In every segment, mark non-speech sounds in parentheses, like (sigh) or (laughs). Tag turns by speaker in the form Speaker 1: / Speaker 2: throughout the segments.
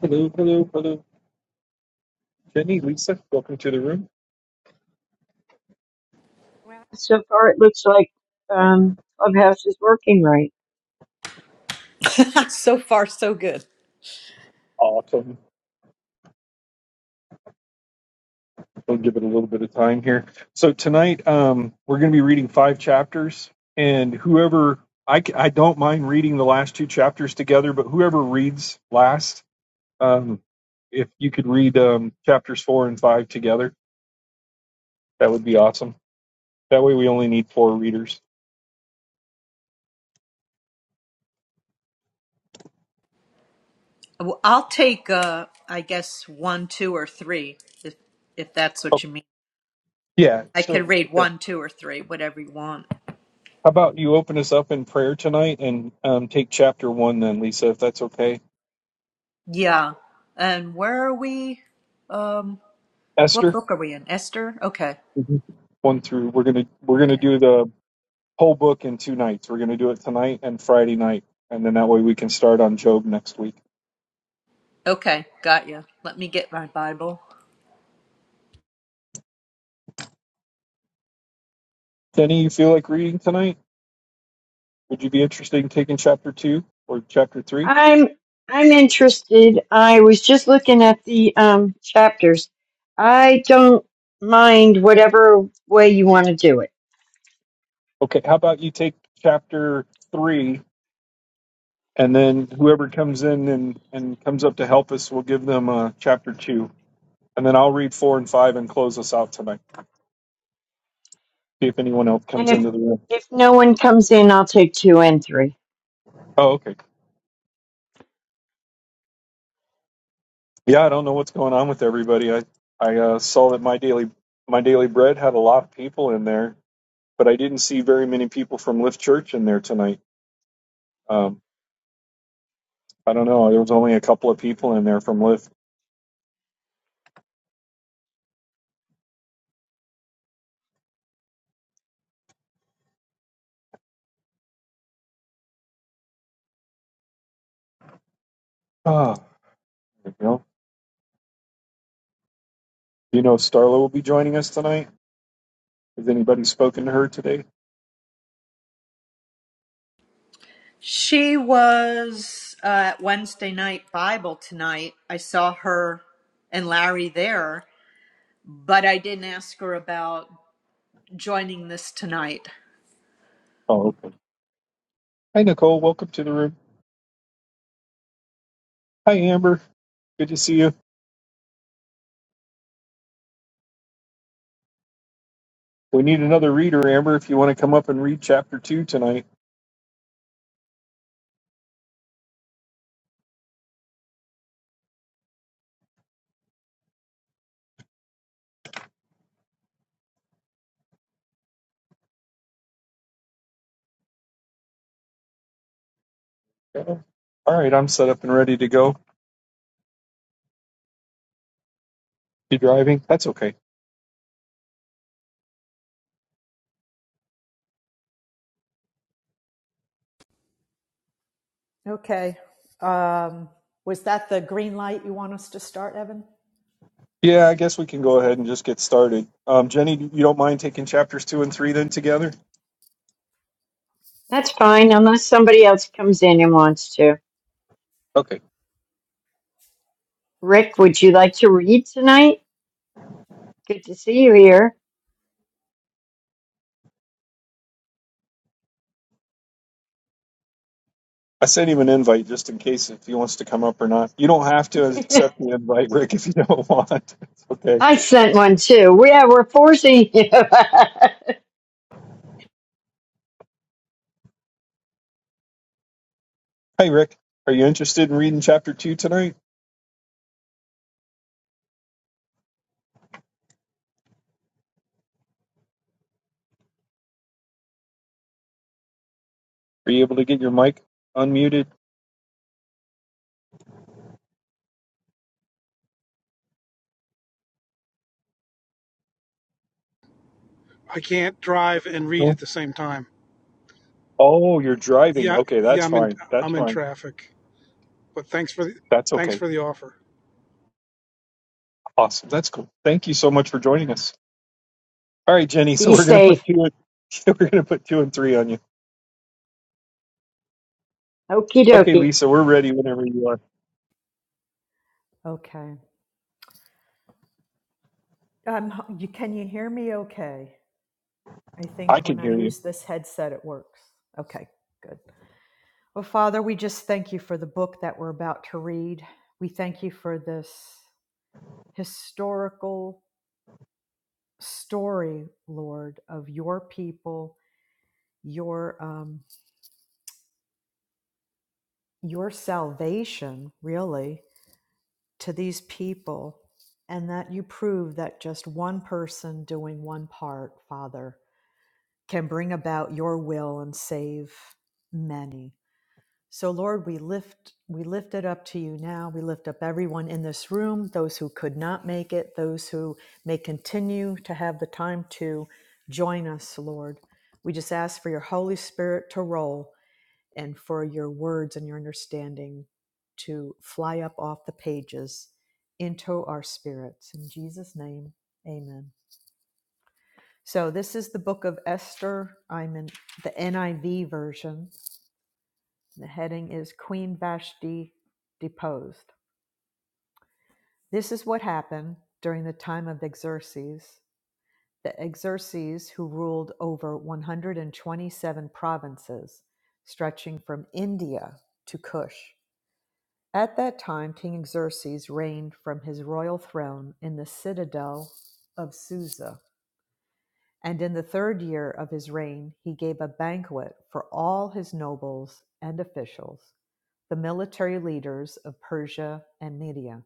Speaker 1: Hello, hello, hello. Jenny, Lisa, welcome to the room.
Speaker 2: Well, so far it looks like um, Clubhouse is working right.
Speaker 3: (laughs) so far, so good.
Speaker 1: Awesome. We'll give it a little bit of time here. So tonight, um, we're going to be reading five chapters, and whoever I, c- I don't mind reading the last two chapters together, but whoever reads last, um, if you could read um, chapters four and five together, that would be awesome. That way, we only need four readers.
Speaker 3: Well, I'll take, uh, I guess, one, two, or three, if if that's what
Speaker 1: Oh,
Speaker 3: you mean.
Speaker 1: yeah.
Speaker 3: I could
Speaker 1: So,
Speaker 3: read
Speaker 1: okay.
Speaker 3: one, two, or three, whatever you want.
Speaker 1: How about you open us up in prayer tonight and um, take chapter one, then, Lisa, if that's okay.
Speaker 3: Yeah. And where are we? Um,
Speaker 1: Esther.
Speaker 3: what book are we in? Esther? Okay.
Speaker 1: Mhm. one through we're gonna we're gonna
Speaker 3: Okay.
Speaker 1: do the whole book in two nights. We're gonna do it tonight and Friday night, and then that way we can start on Job next week.
Speaker 3: Okay. Got you. Let me get my Bible.
Speaker 1: Kenny, you feel like reading tonight? Would you be interested in taking chapter two or chapter three?
Speaker 2: I'm I'm interested. I was just looking at the um, chapters. I don't mind whatever way you want to do it.
Speaker 1: Okay, how about you take chapter three, and then whoever comes in and and comes up to help us, we'll give them uh, chapter two, and then I'll read four and five and close us out tonight. See if anyone else
Speaker 2: And
Speaker 1: comes
Speaker 2: if
Speaker 1: into the room.
Speaker 2: if no one comes in, I'll take two and three.
Speaker 1: Oh, okay. Yeah, I don't know what's going on with everybody. I I uh, saw that my daily my daily bread had a lot of people in there, but I didn't see very many people from Lift Church in there tonight. Um, I don't know. There was only a couple of people in there from Lift. Ah, there you go. Do you know if Starla will be joining us tonight? Has anybody spoken to her today?
Speaker 3: She was uh, at Wednesday night Bible tonight. I saw her and Larry there, but I didn't ask her about joining this tonight.
Speaker 1: Oh, okay. Hi, Nicole. Welcome to the room. Hi, Amber. Good to see you. We need another reader, Amber, if you want to come up and read chapter two tonight. Yeah. All right, I'm set up and ready to go. You driving? That's okay.
Speaker 3: Okay. Um, was that the green light you want us to start, Evan?
Speaker 1: Yeah, I guess we can go ahead and just get started. Um, Jenny, you don't mind taking chapters two and three then together?
Speaker 2: That's fine, unless somebody else comes in and wants to.
Speaker 1: Okay.
Speaker 2: Rick, would you like to read tonight? Good to see you here.
Speaker 1: I sent him an invite just in case if he wants to come up or not. You don't have to
Speaker 2: (laughs)
Speaker 1: accept the invite, (laughs) Rick, if you don't (laughs) want. It's okay.
Speaker 2: I sent one too. Yeah, we're forcing you.
Speaker 1: Hey, Rick, are you interested in reading chapter two tonight? Are you able to get your mic unmuted?
Speaker 4: I can't drive and read at
Speaker 1: No.
Speaker 4: the same time.
Speaker 1: Oh, you're driving.
Speaker 4: Yeah,
Speaker 1: Okay,
Speaker 4: yeah,
Speaker 1: that's
Speaker 4: I'm in
Speaker 1: fine. That's
Speaker 4: I'm in
Speaker 1: fine.
Speaker 4: traffic. But thanks for the
Speaker 1: That's
Speaker 4: thanks
Speaker 1: okay.
Speaker 4: for the offer.
Speaker 1: Awesome. That's cool. Thank you so much for joining us. All right, Jenny.
Speaker 2: (laughs)
Speaker 1: So
Speaker 2: Be
Speaker 1: we're gonna put
Speaker 2: safe.
Speaker 1: two. And, (laughs) we're gonna put two and three on you.
Speaker 2: Okie
Speaker 1: Okay,
Speaker 2: dokie.
Speaker 1: Lisa, we're ready whenever you are.
Speaker 3: Okay. Um, you, can you hear me okay? I
Speaker 1: I
Speaker 3: think
Speaker 1: can
Speaker 3: when I
Speaker 1: hear you.
Speaker 3: use this headset, it works. Okay, good. Well, Father, we just thank you for the book that we're about to read. We thank you for this historical story, Lord, of your people, your um, your salvation, really, to these people and that you prove that just one person doing one part, Father, can bring about your will and save many. So Lord, we lift we lift it up to you now. We lift up everyone in this room, those who could not make it, those who may continue to have the time to join us, Lord. We just ask for your Holy Spirit to roll and for your words and your understanding to fly up off the pages into our spirits. In Jesus' name, amen. So, this is the book of Esther. I'm in the NIV version. The heading is Queen Vashti Deposed. This is what happened during the time of Xerxes, the Xerxes who ruled over 127 provinces, stretching from India to Kush. At that time, King Xerxes reigned from his royal throne in the citadel of Susa. And in the third year of his reign, he gave a banquet for all his nobles and officials, the military leaders of Persia and Media.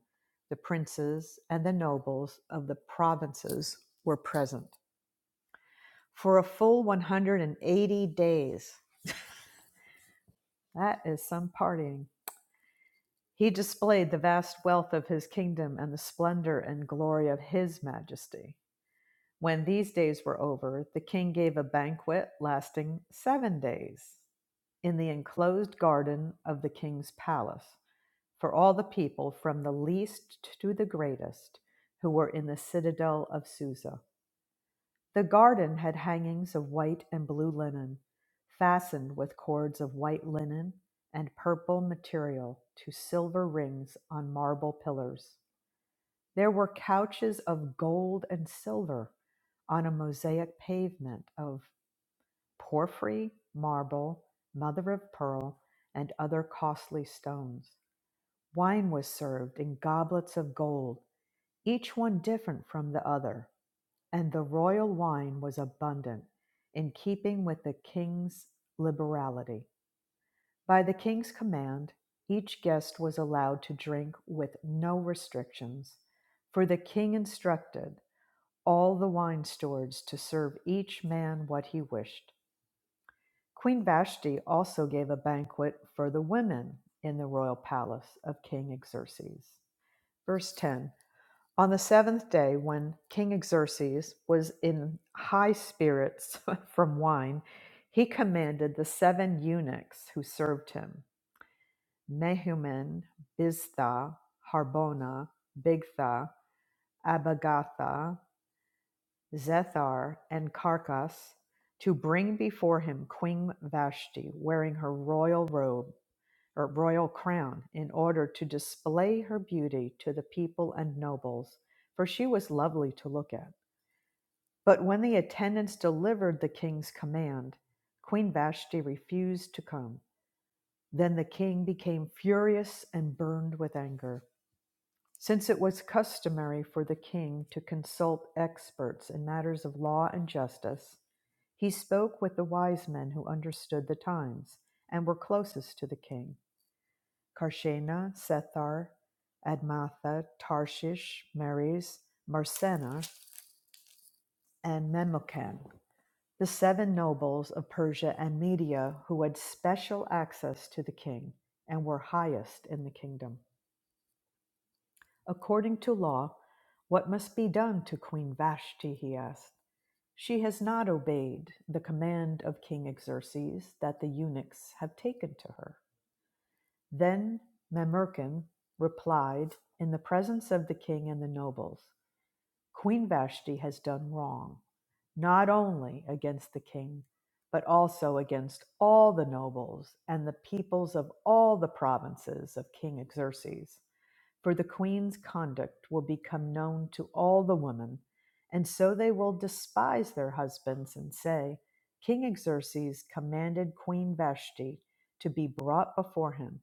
Speaker 3: The princes and the nobles of the provinces were present for a full 180 days. That is some partying He displayed the vast wealth of his kingdom and the splendor and glory of his majesty. When these days were over, the king gave a banquet lasting seven days in the enclosed garden of the king's palace for all the people, from the least to the greatest, who were in the citadel of Susa. The garden had hangings of white and blue linen, fastened with cords of white linen and purple material to silver rings on marble pillars. There were couches of gold and silver on a mosaic pavement of porphyry, marble, mother of pearl, and other costly stones. Wine was served in goblets of gold, each one different from the other and the royal wine was abundant, in keeping with the king's liberality. By the king's command, each guest was allowed to drink with no restrictions, for the king instructed all the wine stewards to serve each man what he wished. Queen Vashti also gave a banquet for the women in the royal palace of King Xerxes. Verse 10 on the seventh day, when King Xerxes was in high spirits (laughs) from wine, he commanded the seven eunuchs who served him Mehuman, Biztha, Harbona, Bigtha, Abagatha, Zethar, and Carcass to bring before him Queen Vashti wearing her royal robe or royal crown in order to display her beauty to the people and nobles, for she was lovely to look at. But when the attendants delivered the king's command, Queen Vashti refused to come. Then the king became furious and burned with anger. Since it was customary for the king to consult experts in matters of law and justice, he spoke with the wise men who understood the times and were closest to the king Karshena, Sethar, Admatha, Tarshish, Meres, Marsena, and Memucan. the seven nobles of Persia and Media who had special access to the king and were highest in the kingdom. According to law, what must be done to Queen Vashti? he asked. She has not obeyed the command of King Xerxes that the eunuchs have taken to her. Then Mamerkin replied in the presence of the king and the nobles. Queen Vashti has done wrong, not only against the king, but also against all the nobles and the peoples of all the provinces of King Xerxes. For the queen's conduct will become known to all the women, and so they will despise their husbands and say, King Xerxes commanded Queen Vashti to be brought before him,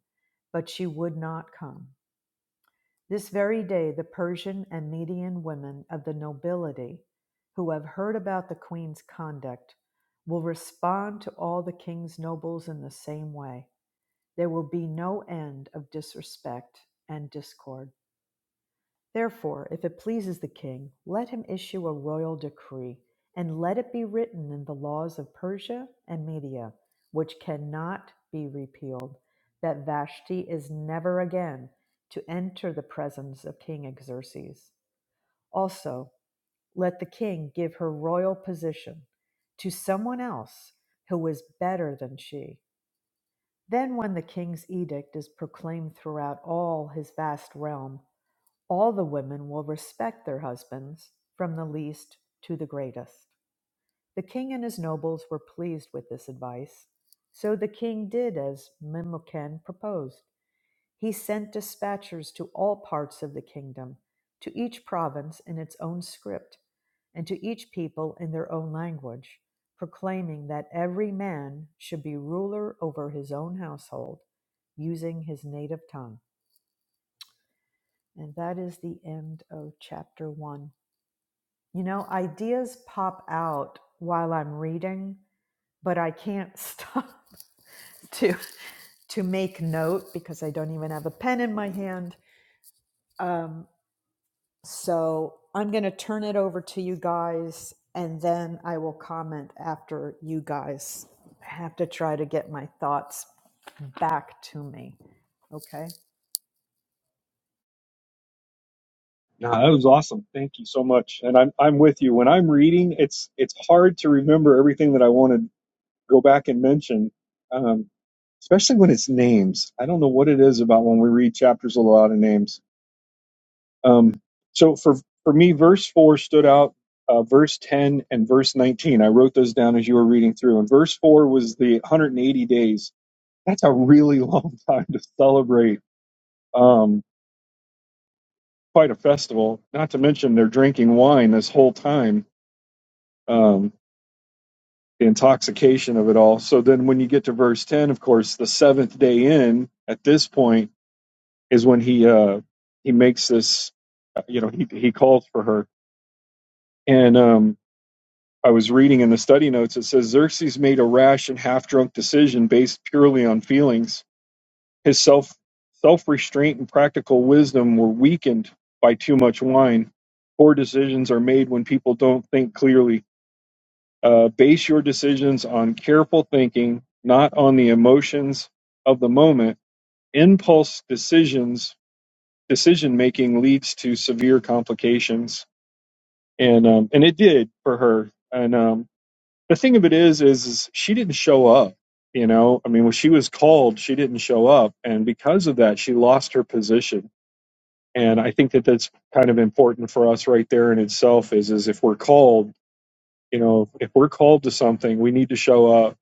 Speaker 3: but she would not come. This very day, the Persian and Median women of the nobility who have heard about the queen's conduct will respond to all the king's nobles in the same way. There will be no end of disrespect and discord. Therefore, if it pleases the king, let him issue a royal decree, and let it be written in the laws of Persia and Media, which cannot be repealed, that Vashti is never again to enter the presence of King Xerxes. Also, let the king give her royal position to someone else who is better than she. Then, when the king's edict is proclaimed throughout all his vast realm, all the women will respect their husbands, from the least to the greatest. The king and his nobles were pleased with this advice. So the king did as Memucan proposed. He sent dispatchers to all parts of the kingdom, to each province in its own script, and to each people in their own language, proclaiming that every man should be ruler over his own household, using his native tongue. And that is the end of chapter 1. You know, ideas pop out while I'm reading, but I can't (laughs) stop to to make note because I don't even have a pen in my hand. Um, so I'm going to turn it over to you guys, and then I will comment after you guys. I have to try to get my thoughts back to me. Okay.
Speaker 1: No, that was awesome. Thank you so much. And I'm I'm with you. When I'm reading, it's it's hard to remember everything that I want to go back and mention, um, especially when it's names. I don't know what it is about when we read chapters with a lot of names. Um, so for for me, verse four stood out. Uh, verse 10 and verse 19. I wrote those down as you were reading through. And verse 4 was the 180 days. That's a really (laughs) long time to celebrate. Um, quite a festival. Not to mention they're drinking wine this whole time, um, the intoxication of it all. So then, when you get to verse ten, of course, the seventh day in at this point is when he uh, he makes this, uh, you know, he he calls for her. And um, I was reading in the study notes, it says Xerxes made a rash and half drunk decision based purely on feelings His self self restraint and practical wisdom were weakened by too much wine. Poor decisions are made when people don't think clearly. Uh, base your decisions on careful thinking, not on the emotions of the moment. Impulse decisions decision making leads to severe complications, and um, and it did for her. And um, the thing of it is, is, is she didn't show up you know i mean when she was called she didn't show up and because of that she lost her position and I think that that's kind of important for us right there in itself is is if we're called, you know, if we're called to something, we need to show up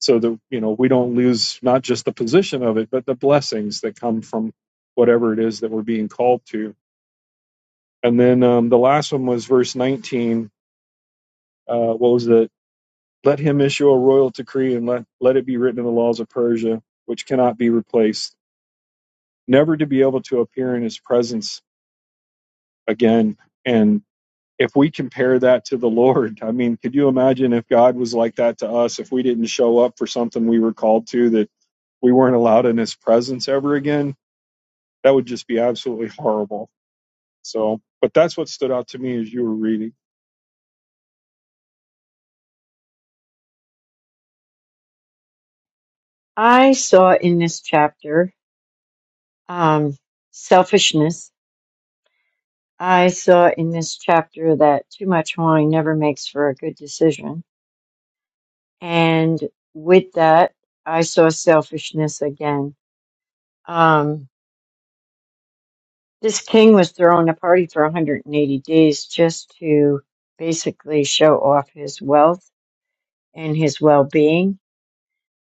Speaker 1: so that you know we don't lose not just the position of it, but the blessings that come from whatever it is that we're being called to. And then um, the last one was verse 19. Uh, what was it? Let him issue a royal decree and let let it be written in the laws of Persia, which cannot be replaced, never to be able to appear in his presence again. And if we compare that to the Lord, I mean, could you imagine if God was like that to us, if we didn't show up for something we were called to, that we weren't allowed in his presence ever again? That would just be absolutely horrible. So, but that's what stood out to me as you were reading.
Speaker 2: I saw in this chapter um, selfishness. I saw in this chapter that too much wine never makes for a good decision. And with that, I saw selfishness again. Um, this king was throwing a party for 180 days just to basically show off his wealth and his well being,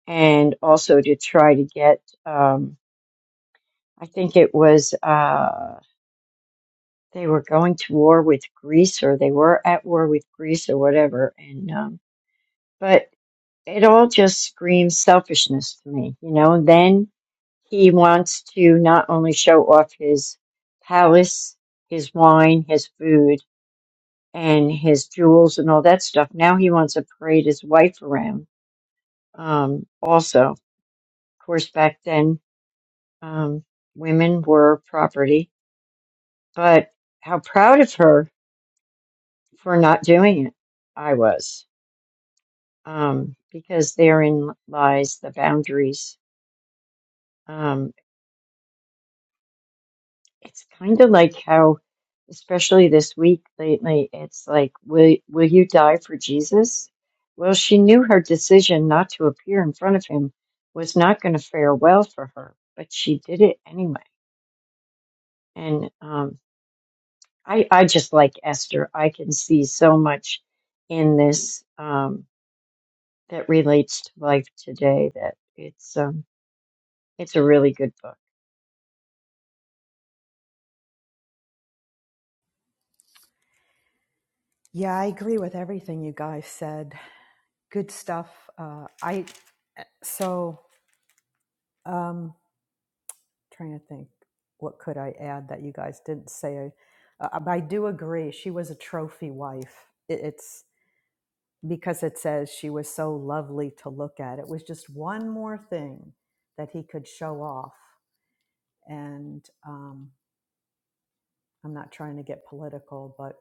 Speaker 2: and also to try to get, um, I think it was. Uh, they were going to war with Greece or they were at war with Greece or whatever. And, um, but it all just screams selfishness to me, you know, and then he wants to not only show off his palace, his wine, his food, and his jewels and all that stuff. Now he wants to parade his wife around. Um, also, of course, back then, um, women were property, but how proud of her for not doing it. I was. um, because therein lies the boundaries. Um, it's kind of like how, especially this week lately, it's like, will, will you die for Jesus? Well, she knew her decision not to appear in front of him was not going to fare well for her, but she did it anyway. And um, I, I just like Esther. I can see so much in this um, that relates to life today that it's um, it's a really good book.
Speaker 3: Yeah, I agree with everything you guys said. Good stuff. Uh, I so um, trying to think what could i add that you guys didn't say uh, but i do agree she was a trophy wife it, it's because it says she was so lovely to look at it was just one more thing that he could show off and um, i'm not trying to get political but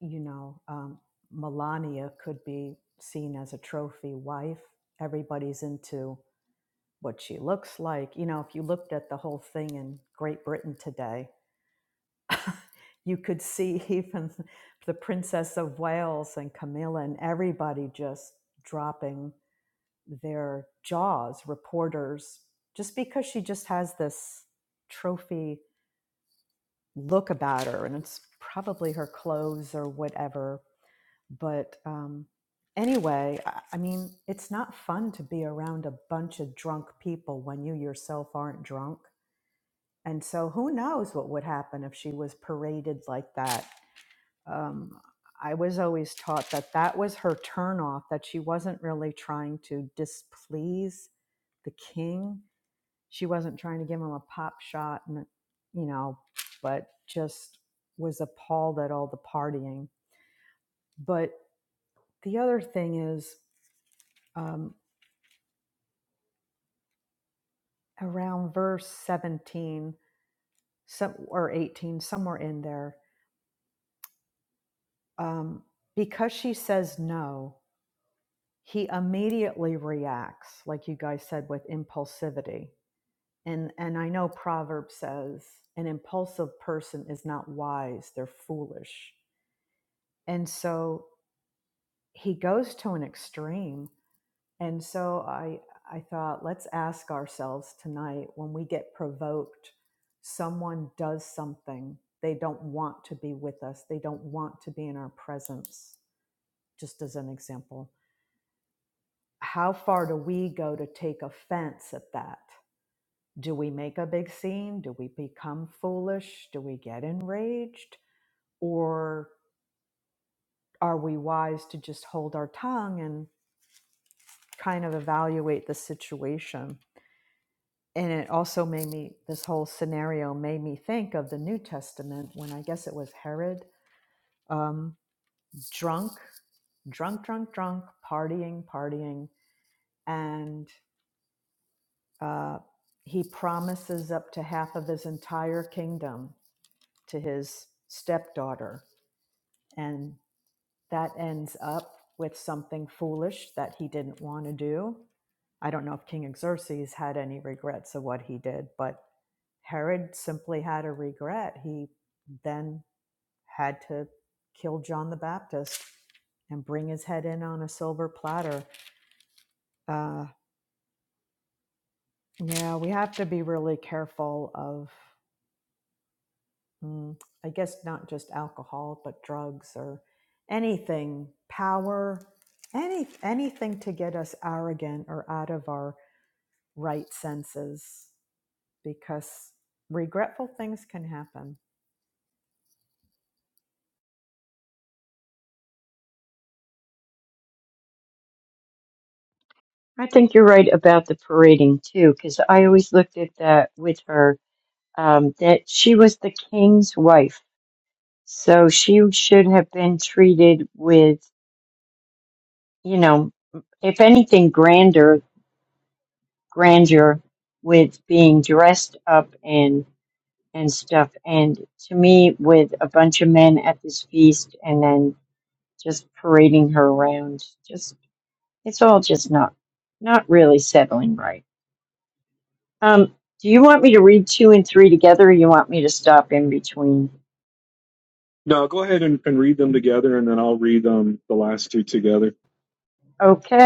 Speaker 3: you know um, melania could be seen as a trophy wife everybody's into what she looks like you know if you looked at the whole thing in great britain today You could see (laughs) even the Princess of Wales and Camilla and everybody just dropping their jaws, reporters, just because she just has this trophy look about her. And it's probably her clothes or whatever. But um, anyway, I I mean, it's not fun to be around a bunch of drunk people when you yourself aren't drunk. And so who knows what would happen if she was paraded like that um, I was always taught that that was her turnoff, that she wasn't really trying to displease the king. She wasn't trying to give him a pop shot, and you know, but just was appalled at all the partying. But the other thing is um, around verse 17 some, or 18, somewhere in there, um, because she says no, he immediately reacts, like you guys said, with impulsivity and and i know proverb says an impulsive person is not wise they're foolish and so he goes to an extreme and so i i thought let's ask ourselves tonight when we get provoked someone does something they don't want to be with us they don't want to be in our presence just as an example how far do we go to take offense at that Do we make a big scene? Do we become foolish? Do we get enraged? Or are we wise to just hold our tongue and kind of evaluate the situation? And it also made me, this whole scenario made me think of the New Testament when I guess it was Herod, um, drunk, drunk, drunk, drunk, partying, partying. And uh, he promises up to half of his entire kingdom to his stepdaughter. And that ends up with something foolish that he didn't want to do. I don't know if King Xerxes had any regrets of what he did, but Herod simply had a regret. He then had to kill John the Baptist and bring his head in on a silver platter. Uh, yeah, we have to be really careful of mm, I guess not just alcohol, but drugs or anything, power, any anything to get us arrogant or out of our right senses because regretful things can happen.
Speaker 2: I think you're right about the parading too, because I always looked at that with her, um, that she was the king's wife. So she should have been treated with, you know, if anything, grander, grandeur with being dressed up and, and stuff. And to me, with a bunch of men at this feast and then just parading her around, just, it's all just not, not really settling right. Um, do you want me to read two and three together or you want me to stop in between?
Speaker 1: No, go ahead and, and read them together, and then I'll read um, the last two together.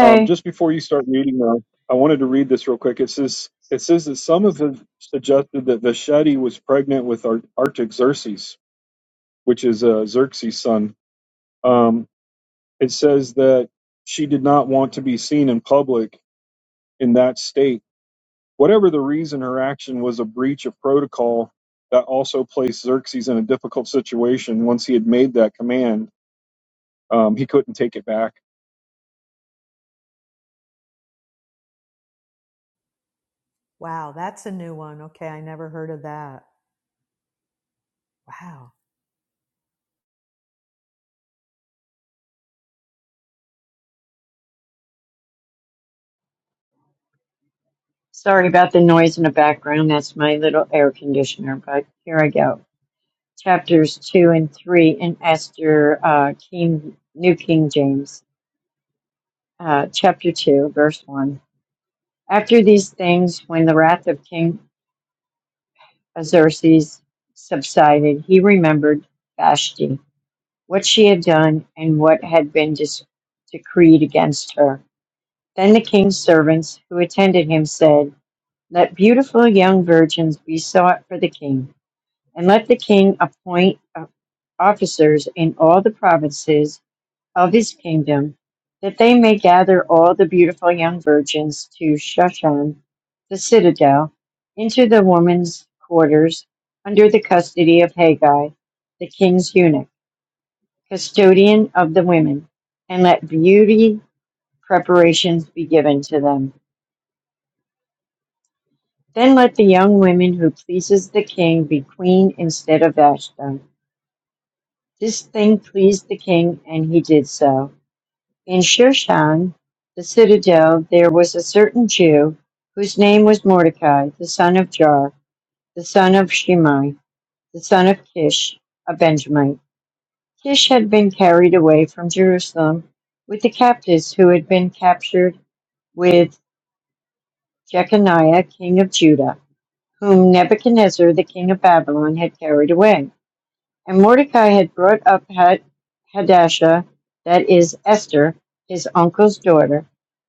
Speaker 1: Um, just before you start reading, them, I wanted to read this real quick. It says, it says that some have suggested that Vashti was pregnant with Artaxerxes, which is uh, Xerxes' son. Um, It says that she did not want to be seen in public in that state. Whatever the reason, her action was a breach of protocol that also placed Xerxes in a difficult situation. Once he had made that command, um, he couldn't take it back.
Speaker 3: Wow, that's a new one. Okay, I never heard of that. Wow.
Speaker 2: Sorry about the noise in the background. That's my little air conditioner, but here I go. Chapters two and three in Esther, uh, King, New King James, uh, chapter two, verse one. After these things, when the wrath of King Xerxes subsided, he remembered Vashti, what she had done and what had been dis- decreed against her Then the king's servants who attended him said, Let beautiful young virgins be sought for the king, and let the king appoint uh, officers in all the provinces of his kingdom, that they may gather all the beautiful young virgins to Shushan, the citadel, into the women's quarters under the custody of Haggai, the king's eunuch, custodian of the women, and let beauty preparations be given to them. Then let the young woman who pleases the king be queen instead of Vashti. This thing pleased the king, and he did so. In Shushan, the citadel, there was a certain Jew whose name was Mordecai, the son of Jar, the son of Shimei, the son of Kish, a Benjamite. Kish had been carried away from Jerusalem with the captives who had been captured with Jeconiah, king of Judah, whom Nebuchadnezzar, the king of Babylon, had carried away. And Mordecai had brought up Had- Hadassah, that is Esther, his uncle's daughter,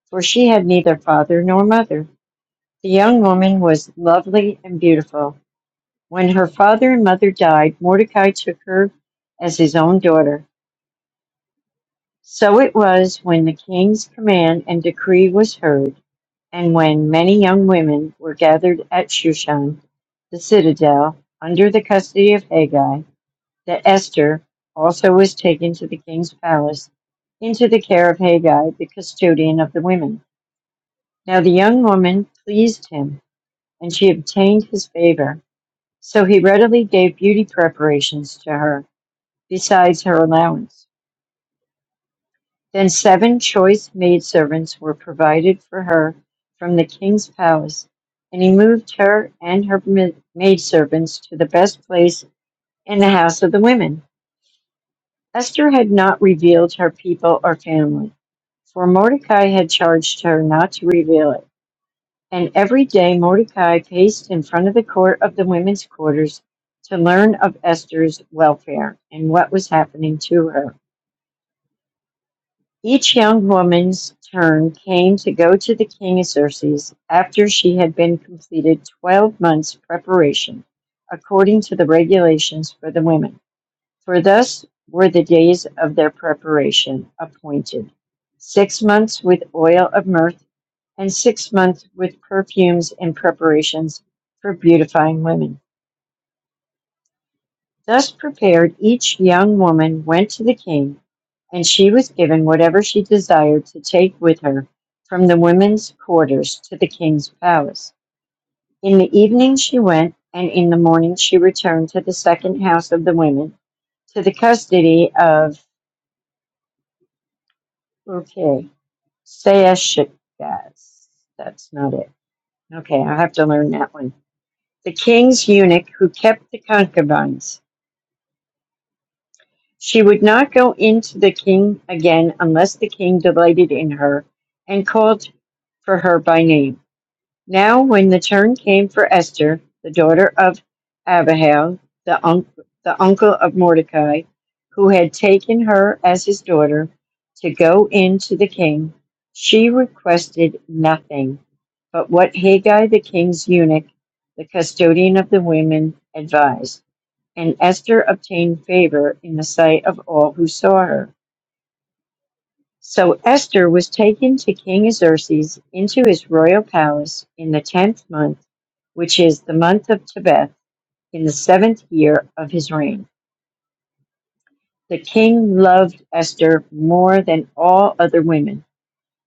Speaker 2: for she had neither father nor mother. The young woman was lovely and beautiful. When her father and mother died, Mordecai took her as his own daughter. So it was when the king's command and decree was heard, and when many young women were gathered at Shushan, the citadel, under the custody of Haggai, that Esther also was taken to the king's palace into the care of Haggai, the custodian of the women. Now the young woman pleased him, and she obtained his favor. So he readily gave beauty preparations to her, besides her allowance. Then seven choice maidservants were provided for her from the king's palace, and he moved her and her ma- maidservants to the best place in the house of the women. Esther had not revealed her people or family for Mordecai had charged her not to reveal it. And every day Mordecai paced in front of the court of the women's quarters to learn of Esther's welfare and what was happening to her. Each young woman's turn came to go to the king Xerxes after she had been completed 12 months' preparation, according to the regulations for the women. For thus were the days of their preparation appointed, six months with oil of mirth, and six months with perfumes and preparations for beautifying women. Thus prepared, each young woman went to the king, and she was given whatever she desired to take with her from the women's quarters to the king's palace. In the evening she went, and in the morning she returned to the second house of the women, to the custody of Urke. Say Eschigas. That's not it. Okay, I'll have to learn that one. The king's eunuch who kept the concubines. She would not go into the king again unless the king delighted in her and called for her by name. Now, when the turn came for Esther, the daughter of Abihail, the, unc the uncle of Mordecai, who had taken her as his daughter, to go in to the king, she requested nothing but what Haggai the king's eunuch, the custodian of the women, advised. And Esther obtained favor in the sight of all who saw her. So Esther was taken to King Xerxes into his royal palace in the tenth month, which is the month of Tebeth, in the seventh year of his reign. The king loved Esther more than all other women,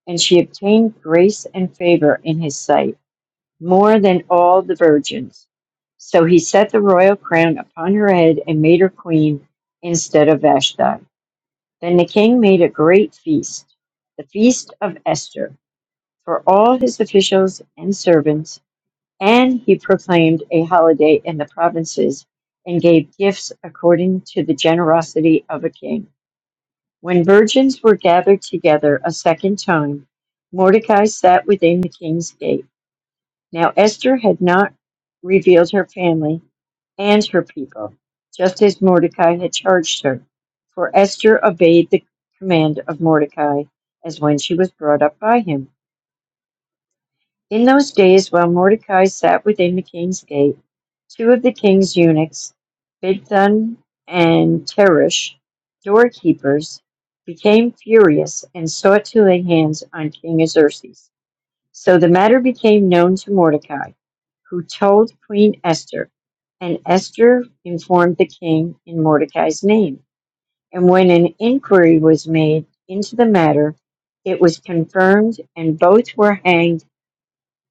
Speaker 2: and she obtained grace and favor in his sight. more than all the virgins. So he set the royal crown upon her head and made her queen instead of Vashti. Then the king made a great feast, the feast of Esther, for all his officials and servants, and he proclaimed a holiday in the provinces and gave gifts according to the generosity of a king. When virgins were gathered together a second time, Mordecai sat within the king's gate. Now Esther had not revealed her family and her people, just as Mordecai had charged her. For Esther obeyed the command of Mordecai as when she was brought up by him. In those days, while Mordecai sat within the king's gate, two of the king's eunuchs, Bigthan and Teresh, doorkeepers, became furious and sought to lay hands on King Xerxes. So the matter became known to Mordecai, who told Queen Esther, and Esther informed the king in Mordecai's name. And when an inquiry was made into the matter, it was confirmed, and both were hanged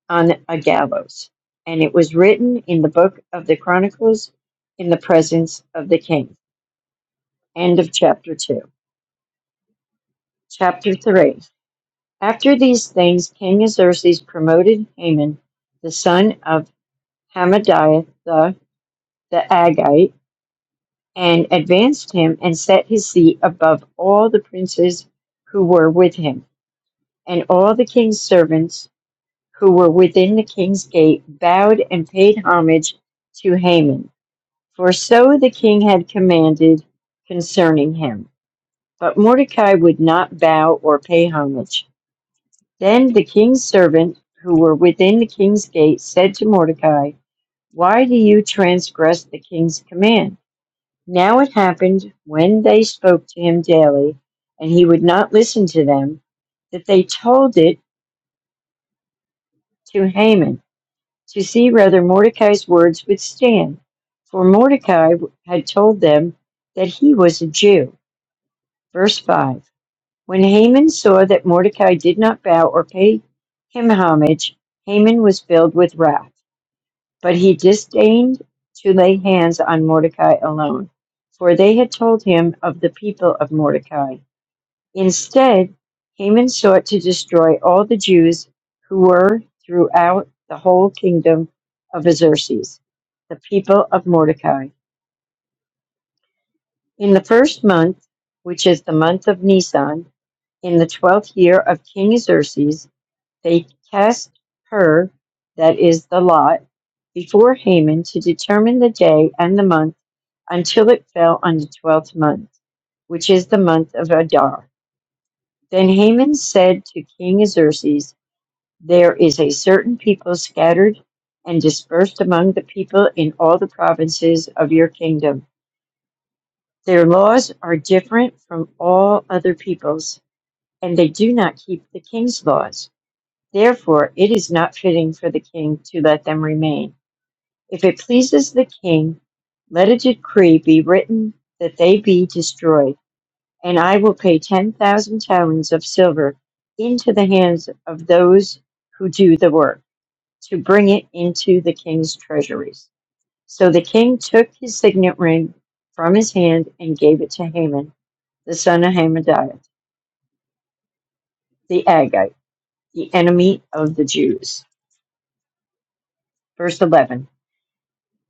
Speaker 2: on a gallows. And it was written in the book of the Chronicles in the presence of the king. End of chapter 2. Chapter 3. After these things, King Xerxes promoted Haman, the son of Hammadiah the, the Agite, and advanced him and set his seat above all the princes who were with him. And all the king's servants who were within the king's gate bowed and paid homage to Haman, for so the king had commanded concerning him. But Mordecai would not bow or pay homage. Then the king's servant who were within the king's gate said to Mordecai, Why do you transgress the king's command? Now it happened when they spoke to him daily, and he would not listen to them, that they told it to Haman to see whether Mordecai's words would stand. For Mordecai had told them that he was a Jew. Verse 5 When Haman saw that Mordecai did not bow or pay him homage, Haman was filled with wrath. But he disdained to lay hands on Mordecai alone, for they had told him of the people of Mordecai Instead, Haman sought to destroy all the Jews who were throughout the whole kingdom of Xerxes, the people of Mordecai. In the first month, which is the month of Nisan, in the twelfth year of King Xerxes, they cast her, that is the lot, before Haman to determine the day and the month until it fell on the twelfth month, which is the month of Adar. Then Haman said to King Xerxes, There is a certain people scattered and dispersed among the people in all the provinces of your kingdom. Their laws are different from all other peoples, and they do not keep the king's laws. Therefore, it is not fitting for the king to let them remain. If it pleases the king, let a decree be written that they be destroyed, and I will pay 10,000 talents of silver into the hands of those who do the work. to bring it into the king's treasuries. So the king took his signet ring from his hand and gave it to Haman, the son of Hamadiah, the Agagite, the enemy of the Jews. Verse 11.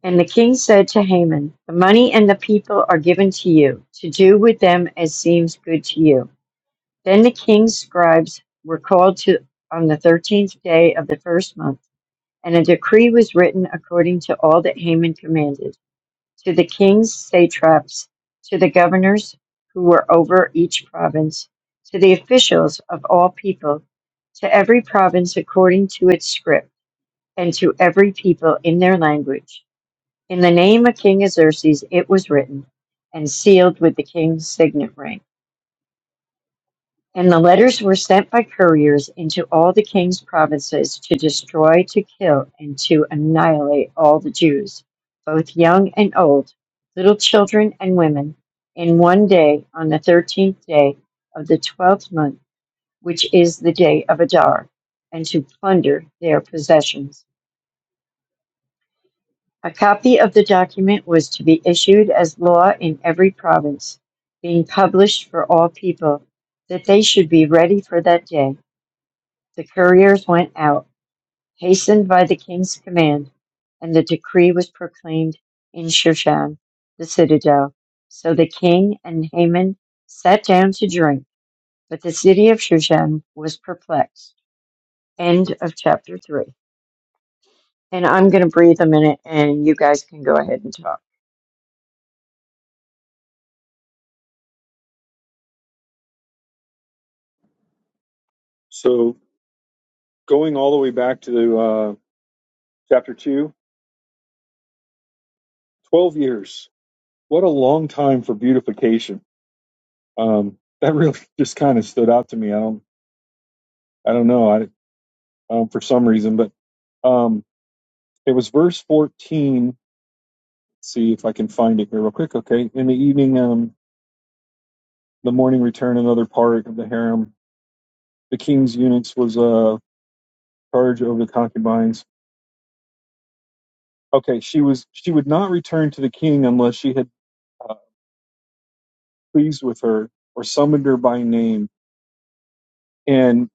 Speaker 2: And the king said to Haman, The money and the people are given to you, to do with them as seems good to you. Then the king's scribes were called to on the thirteenth day of the first month, and a decree was written according to all that Haman commanded to the king's satraps, to the governors who were over each province, to the officials of all people, to every province according to its script, and to every people in their language. In the name of King Xerxes it was written, and sealed with the king's signet ring. And the letters were sent by couriers into all the king's provinces to destroy, to kill, and to annihilate all the Jews, both young and old, little children and women, in one day on the thirteenth day of the twelfth month, which is the day of Adar, and to plunder their possessions. A copy of the document was to be issued as law in every province, being published for all people, that they should be ready for that day The couriers went out, hastened by the king's command, and the decree was proclaimed in Shushan, the citadel. So the king and Haman sat down to drink, but the city of Shushan was perplexed. End of chapter 3. And I'm going to breathe a minute and you guys can go ahead and talk.
Speaker 1: So, going all the way back to uh, chapter 2, 12 years. What a long time for beautification. Um, that really (laughs) just kind of stood out to me. I don't, I don't know. I um, for some reason, but um, it was verse 14 see if I can find it here real quick. Okay, in the evening, um, the morning return, another part of the harem. The king's eunuchs was uh, charge over the concubines. Okay, she was she would not return to the king unless she had uh, pleased with her or summoned her by name. And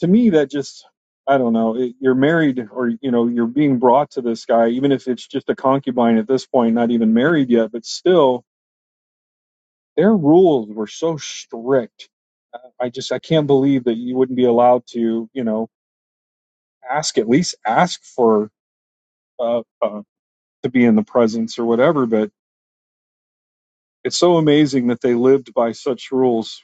Speaker 1: to me, that just I don't know. It, you're married, or you know, you're being brought to this guy, even if it's just a concubine at this point, not even married yet, but still Their rules were so strict. Uh, I just I can't believe that you wouldn't be allowed to you know ask at least ask for uh, uh, to be in the presence or whatever. But it's so amazing that they lived by such rules.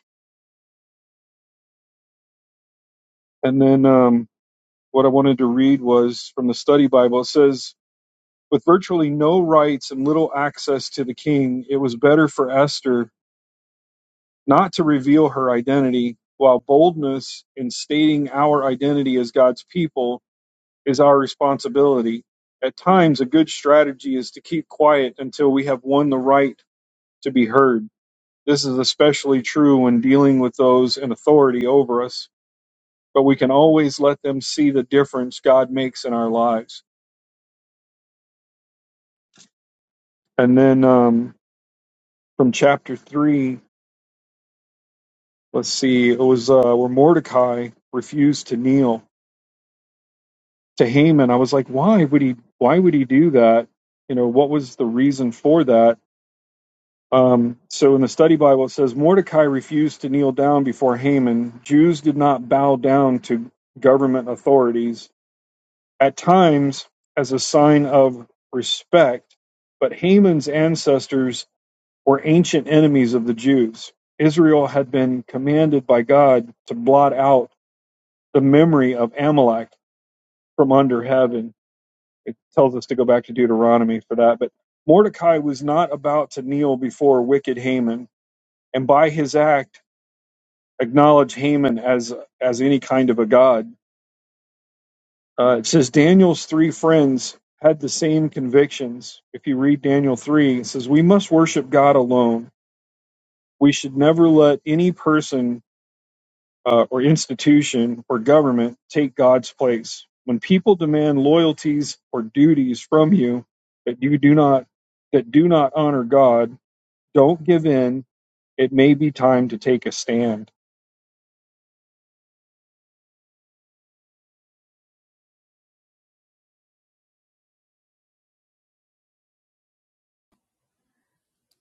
Speaker 1: And then um, what I wanted to read was from the study Bible. It says. With virtually no rights and little access to the king, it was better for Esther not to reveal her identity, while boldness in stating our identity as God's people is our responsibility. At times, a good strategy is to keep quiet until we have won the right to be heard. This is especially true when dealing with those in authority over us, but we can always let them see the difference God makes in our lives. And then um, from chapter three, let's see, it was uh, where Mordecai refused to kneel to Haman. I was like, why would he? Why would he do that? You know, what was the reason for that? Um, so in the study Bible, it says Mordecai refused to kneel down before Haman. Jews did not bow down to government authorities at times as a sign of respect, but Haman's ancestors were ancient enemies of the Jews. Israel had been commanded by God to blot out the memory of Amalek from under heaven. It tells us to go back to Deuteronomy for that. But Mordecai was not about to kneel before wicked Haman and by his act acknowledge Haman as as any kind of a god. Uh, it says Daniel's three friends had the same convictions. If you read Daniel three, it says we must worship God alone. We should never let any person uh, or institution or government take God's place. When people demand loyalties or duties from you that you do not that do not honor God, don't give in. It may be time to take a stand.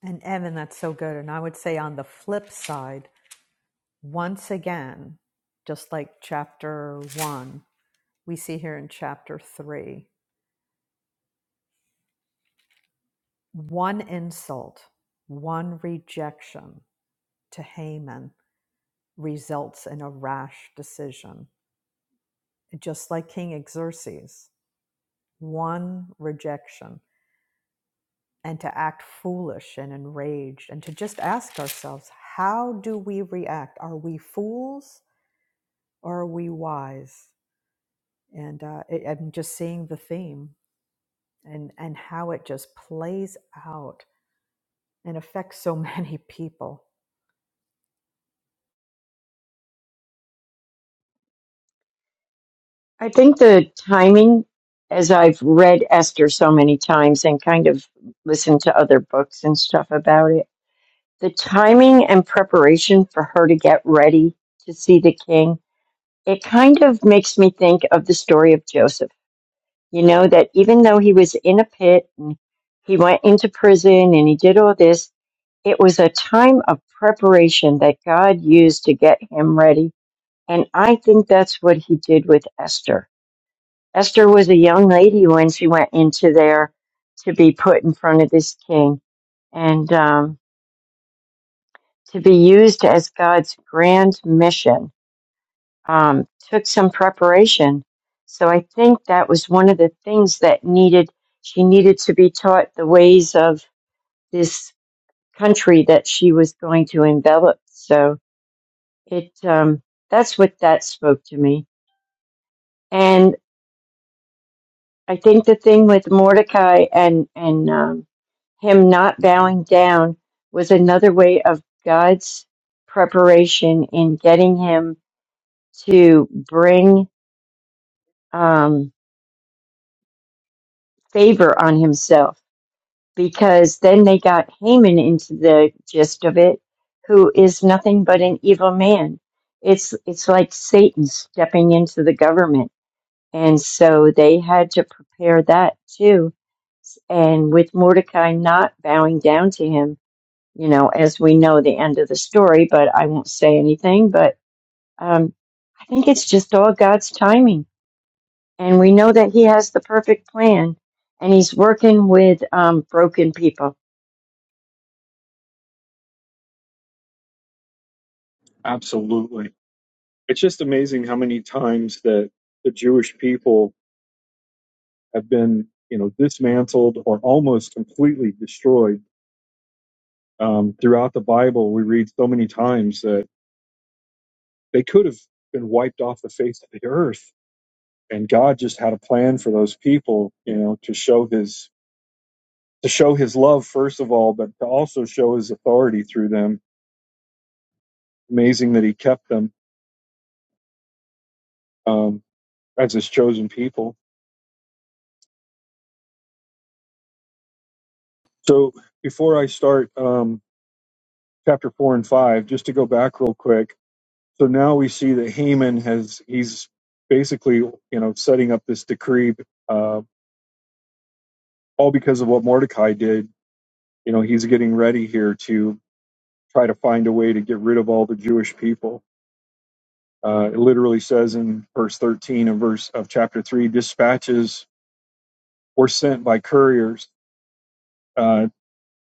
Speaker 3: And Evan, that's so good. And I would say on the flip side, once again, just like chapter 1, we see here in chapter 3 One insult, one rejection to Haman results in a rash decision, just like King Xerxes. One rejection, and to act foolish and enraged, and to just ask ourselves, how do we react? Are we fools or are we wise? And uh, it, I'm just seeing the theme and, and how it just plays out and affects so (laughs) many people.
Speaker 2: I think the timing, as I've read Esther so many times and kind of listened to other books and stuff about it, the timing and preparation for her to get ready to see the king, it kind of makes me think of the story of Joseph. You know, that even though he was in a pit and he went into prison and he did all this, it was a time of preparation that God used to get him ready. And I think that's what he did with Esther. Esther was a young lady when she went into there to be put in front of this king. And, um, to be used as God's grand mission um, took some preparation. So I think that was one of the things that needed, she needed to be taught the ways of this country that she was going to envelop. So it, um, that's what that spoke to me. And I think the thing with Mordecai and, and, um, him not bowing down was another way of God's preparation in getting him to bring um, favor on himself because then they got Haman into the gist of it, who is nothing but an evil man. It's it's like Satan stepping into the government, and so they had to prepare that too. And with Mordecai not bowing down to him, you know, as we know the end of the story, but I won't say anything. But um, I think it's just all God's timing and we know that he has the perfect plan and he's working with um, broken people
Speaker 1: Absolutely it's just amazing how many times that the Jewish people have been, you know, dismantled or almost completely destroyed. Um, throughout the Bible, we read so many times that they could have been wiped off the face of the earth, and God just had a plan for those people, you know, to show His to show His love first of all, but to also show His authority through them. Amazing that He kept them um, as His chosen people. So before I start. Um, chapter four and five, just to go back real quick. So now we see that Haman has he's basically you know setting up this decree, uh, all because of what Mordecai did. You know he's getting ready here to try to find a way to get rid of all the Jewish people. Uh, it literally says in verse 13 of verse of chapter three, dispatches were sent by couriers uh,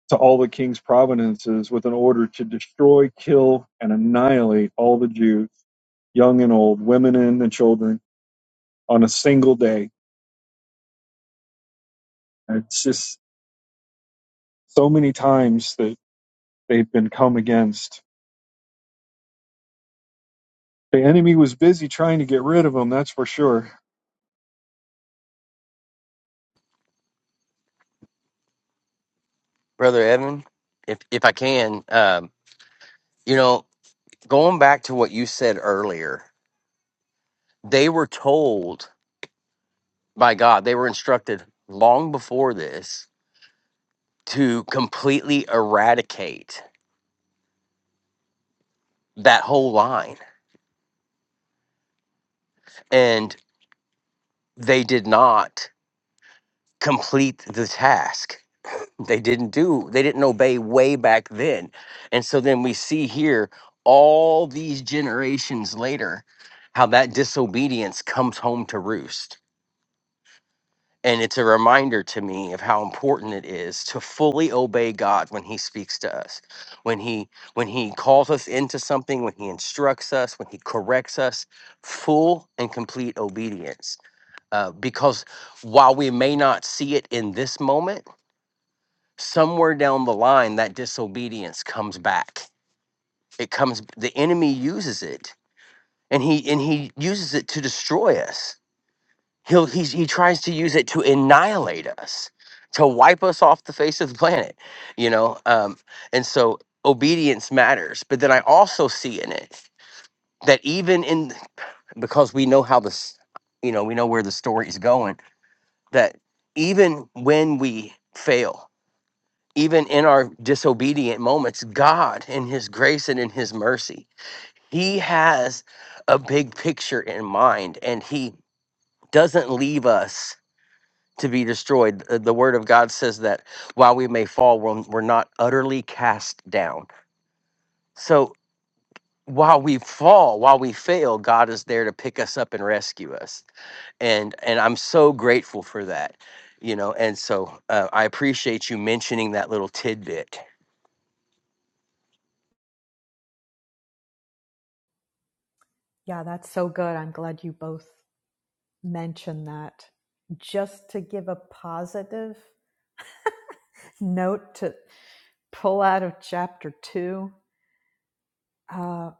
Speaker 1: to all the king's provinces with an order to destroy, kill, and annihilate all the Jews, young and old, women and the children on a single day. It's just so many times that they've been come against. The enemy was busy trying to get rid of them, that's for sure.
Speaker 5: brother Edwin, if if I can, um, you know, going back to what you said earlier, they were told by God, they were instructed long before this to completely eradicate that whole line, and they did not complete the task. They didn't do, they didn't obey way back then. And so then we see here all these generations later how that disobedience comes home to roost And it's a reminder to me of how important it is to fully obey God when he speaks to us. When he when he calls us into something, when he instructs us, when he corrects us, full and complete obedience. Uh, because while we may not see it in this moment, somewhere down the line that disobedience comes back. It comes the enemy uses it and he and he uses it to destroy us he'll he's, he tries to use it to annihilate us to wipe us off the face of the planet you know um and so obedience matters but then i also see in it that even in because we know how this you know we know where the story is going that even when we fail even in our disobedient moments god in his grace and in his mercy he has a big picture in mind and he doesn't leave us to be destroyed. Uh, The word of God says that while we may fall, we're, we're not utterly cast down. So while we fall, while we fail, God is there to pick us up and rescue us. And and I'm so grateful for that, you know. And so uh, I appreciate you mentioning that little tidbit
Speaker 3: Yeah, that's so good. I'm glad you both mention that just to give a positive note to pull out of chapter two. Uh,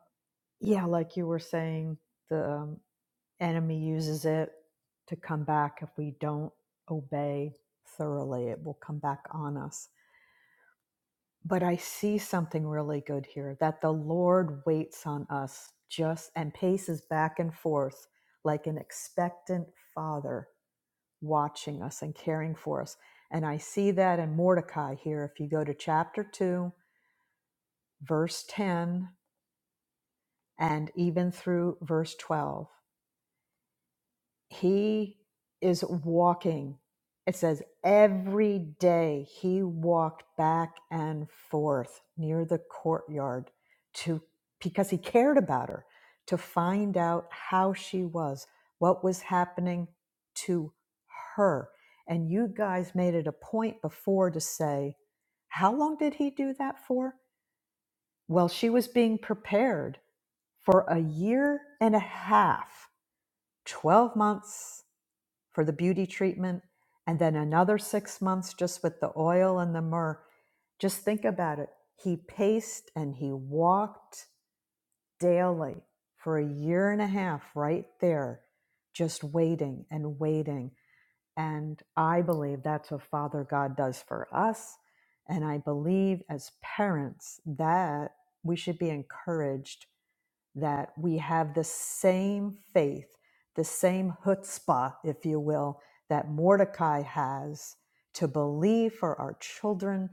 Speaker 3: yeah, like you were saying, the um, enemy uses it to come back. If we don't obey thoroughly, it will come back on us. But I see something really good here that the Lord waits on us just and paces back and forth like an expectant father watching us and caring for us. And I see that in Mordecai here. If you go to chapter 2, verse 10, and even through verse 12, he is walking. It says every day he walked back and forth near the courtyard to because he cared about her to find out how she was, what was happening to her. And you guys made it a point before to say, how long did he do that for? Well, she was being prepared for a year and a half, 12 months for the beauty treatment and then another six months just with the oil and the myrrh. Just think about it. He paced and he walked daily for a year and a half right there, just waiting and waiting. And I believe that's what Father God does for us. And I believe as parents that we should be encouraged that we have the same faith, the same chutzpah, if you will, that Mordecai has to believe for our children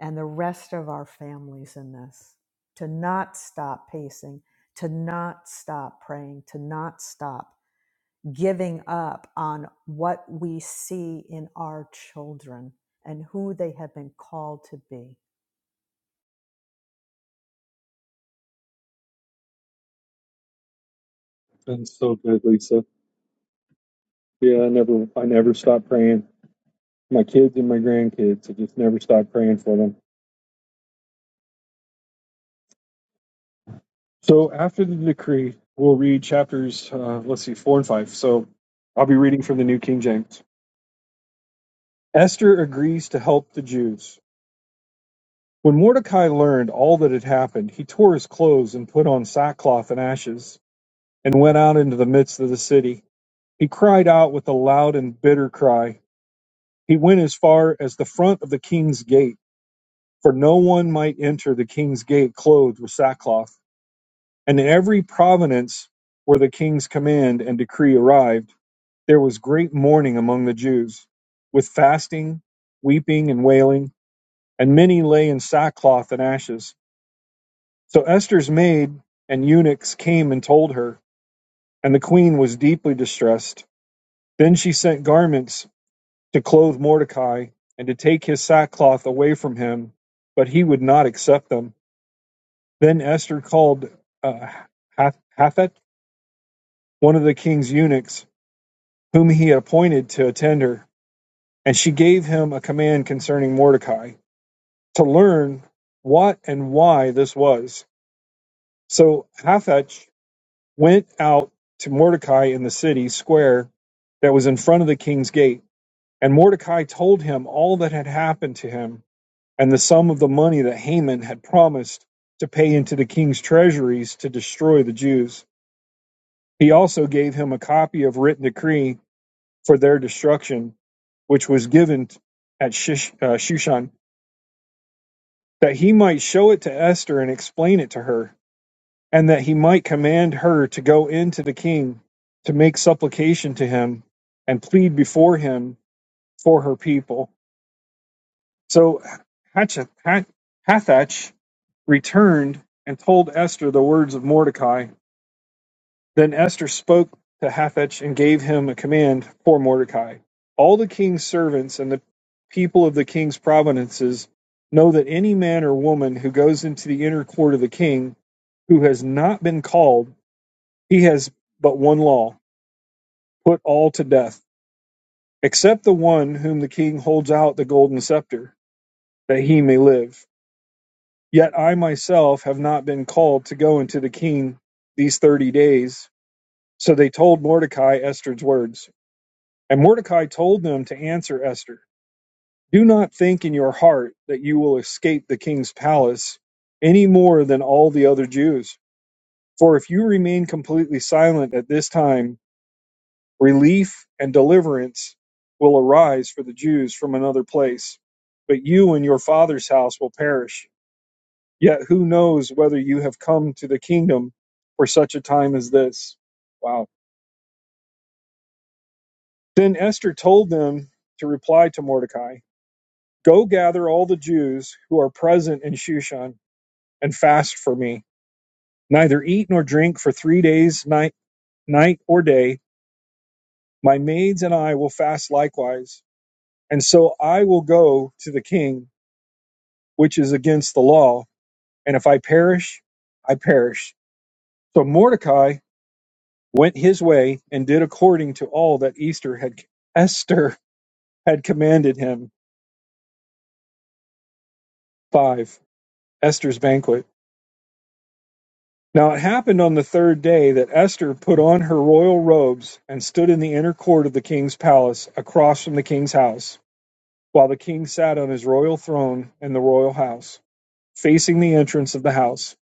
Speaker 3: and the rest of our families in this, to not stop pacing, to not stop praying, to not stop giving up on what we see in our children and who they have been called to be.
Speaker 1: Been so good, Lisa. Yeah, I never, I never stop praying. My kids and my grandkids, I just never stop praying for them. So after the decree, we'll read chapters. Uh, let's see, four and five. So I'll be reading from the New King James. Esther agrees to help the Jews. When Mordecai learned all that had happened, he tore his clothes and put on sackcloth and ashes. and went out into the midst of the city. He cried out with a loud and bitter cry. He went as far as the front of the king's gate, for no one might enter the king's gate clothed with sackcloth. And in every province where the king's command and decree arrived, there was great mourning among the Jews, with fasting, weeping, and wailing, and many lay in sackcloth and ashes. So Esther's maid and eunuchs came and told her, and the queen was deeply distressed. Then she sent garments to clothe Mordecai and to take his sackcloth away from him, but he would not accept them. Then Esther called uh, Hath- Hathach, one of the king's eunuchs, whom he had appointed to attend her, and she gave him a command concerning Mordecai to learn what and why this was. So Hathach went out to Mordecai in the city square that was in front of the king's gate, and Mordecai told him all that had happened to him and the sum of the money that Haman had promised to pay into the king's treasuries to destroy the Jews. He also gave him a copy of written decree for their destruction, which was given at Shish, uh, Shushan, that he might show it to Esther and explain it to her, and that he might command her to go into the king to make supplication to him and plead before him for her people. So Hatshepsut, returned and told Esther the words of Mordecai. Then Esther spoke to Hathach and gave him a command for Mordecai. All the king's servants and the people of the king's provinces know that any man or woman who goes into the inner court of the king who has not been called, he has but one law put all to death, except the one whom the king holds out the golden scepter, that he may live. Yet I myself have not been called to go into the king these thirty days. So they told Mordecai Esther's words. And Mordecai told them to answer Esther Do not think in your heart that you will escape the king's palace any more than all the other Jews. For if you remain completely silent at this time, relief and deliverance will arise for the Jews from another place. But you and your father's house will perish. Yet who knows whether you have come to the kingdom for such a time as this? Wow. Then Esther told them to reply to Mordecai Go gather all the Jews who are present in Shushan and fast for me. Neither eat nor drink for three days, night, night or day. My maids and I will fast likewise. And so I will go to the king, which is against the law. And if I perish, I perish. So Mordecai went his way and did according to all that Esther had Esther had commanded him. Five. Esther's banquet. Now it happened on the third day that Esther put on her royal robes and stood in the inner court of the king's palace, across from the king's house, while the king sat on his royal throne in the royal house, facing the entrance of the house.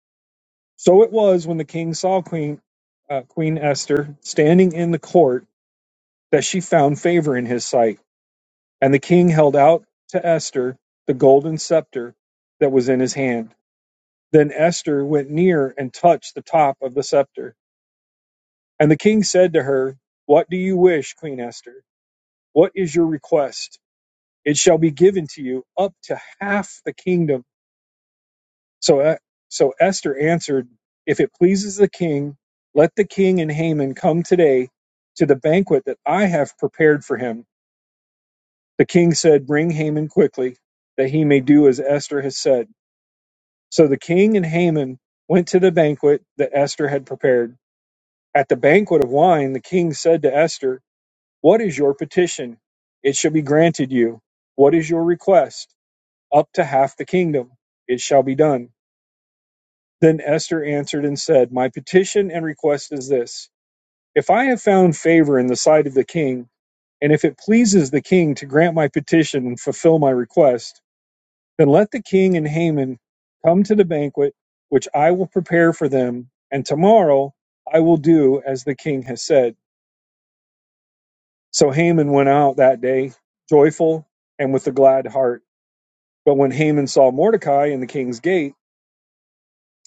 Speaker 1: So it was when the king saw Queen uh, Queen Esther standing in the court that she found favor in his sight And the king held out to Esther the golden scepter that was in his hand. Then Esther went near and touched the top of the scepter. And the king said to her, What do you wish, Queen Esther? What is your request? It shall be given to you up to half the kingdom. So, E- so Esther answered, If it pleases the king, let the king and Haman come today to the banquet that I have prepared for him. The king said, Bring Haman quickly, that he may do as Esther has said. So the king and Haman went to the banquet that Esther had prepared. At the banquet of wine, the king said to Esther, What is your petition? It shall be granted you. What is your request? Up to half the kingdom. It shall be done. Then Esther answered and said, My petition and request is this If I have found favor in the sight of the king, and if it pleases the king to grant my petition and fulfill my request, Then let the king and Haman come to the banquet, which I will prepare for them, and tomorrow I will do as the king has said. So Haman went out that day, joyful and with a glad heart. But when Haman saw Mordecai in the king's gate,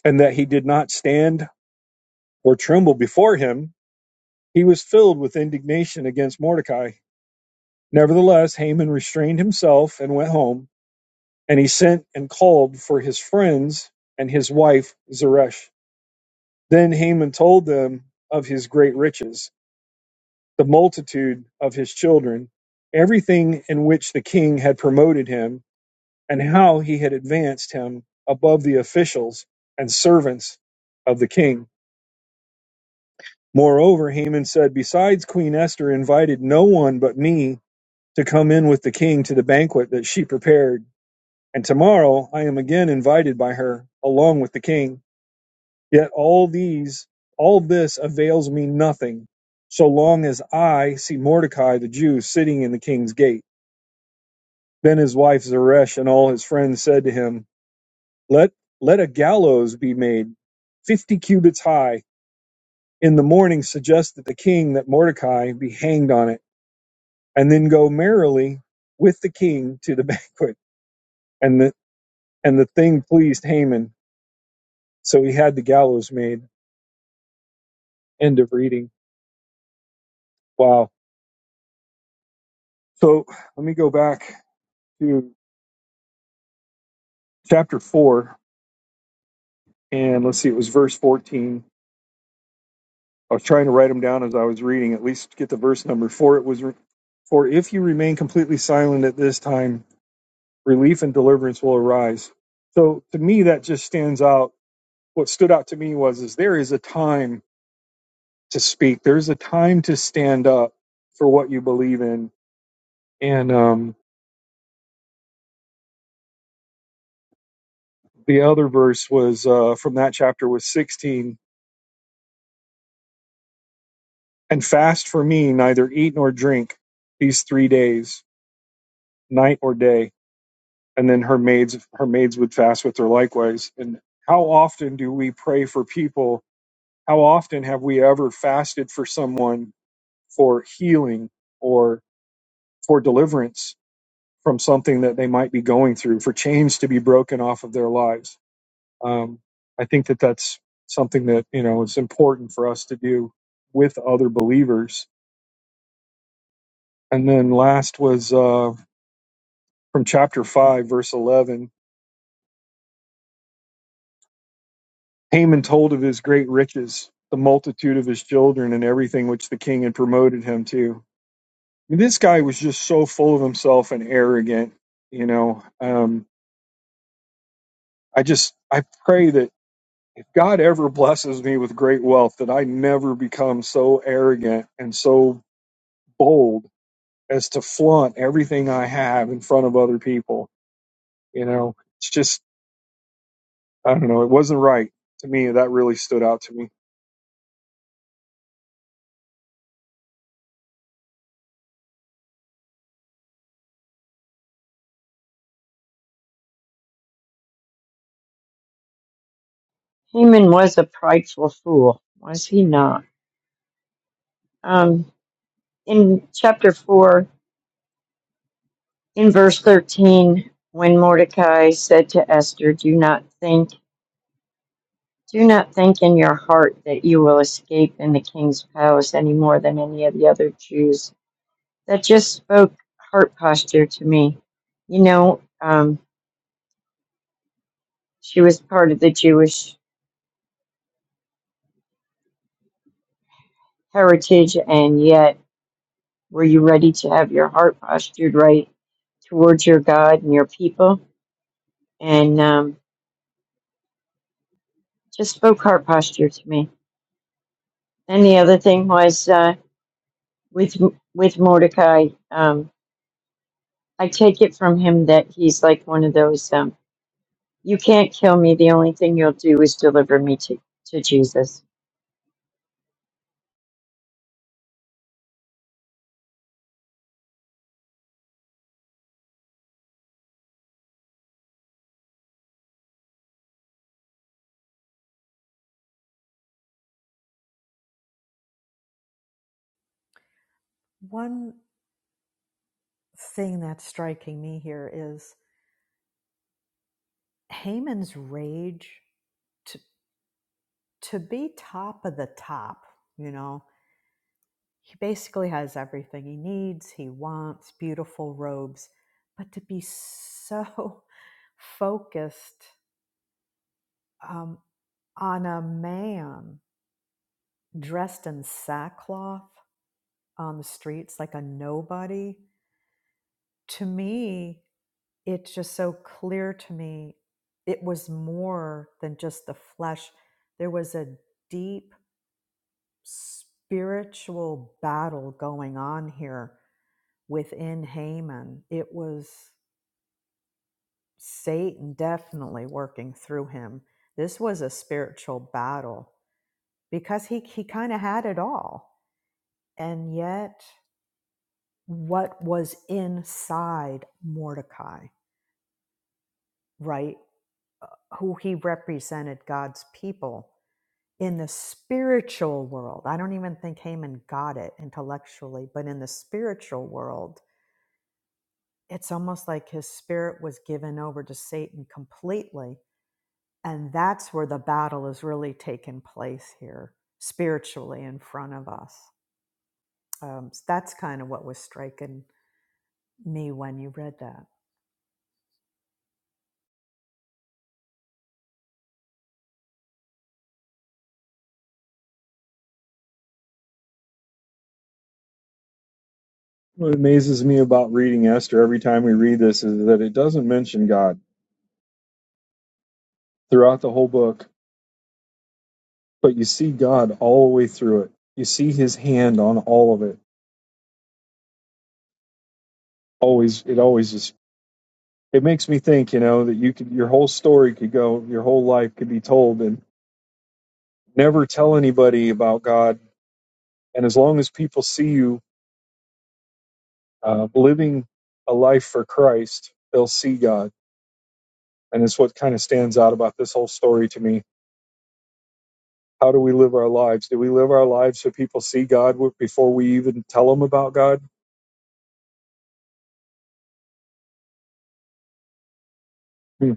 Speaker 1: and that he did not stand or tremble before him, he was filled with indignation against Mordecai. Nevertheless, Haman restrained himself and went home, and he sent and called for his friends and his wife Zeresh. Then Haman told them of his great riches, the multitude of his children, everything in which the king had promoted him, and how he had advanced him above the officials and servants of the king. Moreover, Haman said, Besides, Queen Esther invited no one but me to come in with the king to the banquet that she prepared, and tomorrow I am again invited by her along with the king. Yet all these, all this avails me nothing, so long as I see Mordecai the Jew sitting in the king's gate. Then his wife Zeresh and all his friends said to him, Let let a gallows be made, fifty cubits high. In the morning suggest that the king that Mordecai be hanged on it, and then go merrily with the king to the (laughs) banquet. And the and the thing pleased Haman, so he had the gallows made. End of reading. Wow. So let me go back to. chapter 4, and let's see, it was verse 14. I was trying to write them down as I was reading, at least get the verse number. For it was, for if you remain completely silent at this time, relief and deliverance will arise. So to me, that just stands out. What stood out to me was, is there is a time to speak. There's a time to stand up for what you believe in. And um, the other verse was uh, from that chapter was 16. And fast for me, neither eat nor drink these three days night or day, and then her maids her maids would fast with her likewise. And how often do we pray for people? How often have we ever fasted for someone for healing or for deliverance from something that they might be going through, for chains to be broken off of their lives? Um, I think that that's something that you know is important for us to do with other believers. And then last was uh, from chapter five, verse eleven Haman told of his great riches, the multitude of his children, and everything which the king had promoted him to. And This guy was just so full of himself and arrogant. You know, um, I just I pray that if God ever blesses me with great wealth, that I never become so arrogant and so bold as to flaunt everything I have in front of other people. You know, it's just I don't know. It wasn't right to me. That really stood out to me.
Speaker 2: haman was a prideful fool was he not um, in chapter 4 in verse 13 when mordecai said to esther do not think do not think in your heart that you will escape in the king's palace any more than any of the other jews that just spoke heart posture to me you know um, she was part of the jewish heritage and yet Were you ready to have your heart postured right towards your God and your people? And um, just spoke heart posture to me. And the other thing was uh, with with Mordecai. Um, I take it from him that he's like one of those. Um, you can't kill me. The only thing you'll do is deliver me to to Jesus
Speaker 3: One thing that's striking me here is Haman's rage to to be top of the top, you know, he basically has everything he needs, he wants beautiful robes, but to be so (laughs) focused um, on a man dressed in sackcloth on the streets like a nobody, to me, it's just so clear to me. It was more than just the flesh. There was a deep spiritual battle going on here within Haman. It was Satan definitely working through him. This was a spiritual battle because he, he kind of had it all. And yet, what was inside Mordecai, right? Who he represented God's people in the spiritual world. I don't even think Haman got it intellectually, but in the spiritual world, it's almost like his spirit was given over to Satan completely. And that's where the battle is really taking place here, spiritually in front of us. Um, so that's kind of what was striking me when you read that.
Speaker 1: What amazes me about reading Esther every time we read this is that it doesn't mention God throughout the whole book, but you see God all the way through it. You see His hand on all of it. Always, it always just it makes me think, you know, that you could your whole story could go, your whole life could be told, and never tell anybody about God. And as long as people see you uh, living a life for Christ, they'll see God, and it's what kind of stands out about this whole story to me How do we live our lives? Do we live our lives so people see God before we even tell them about God? Hmm.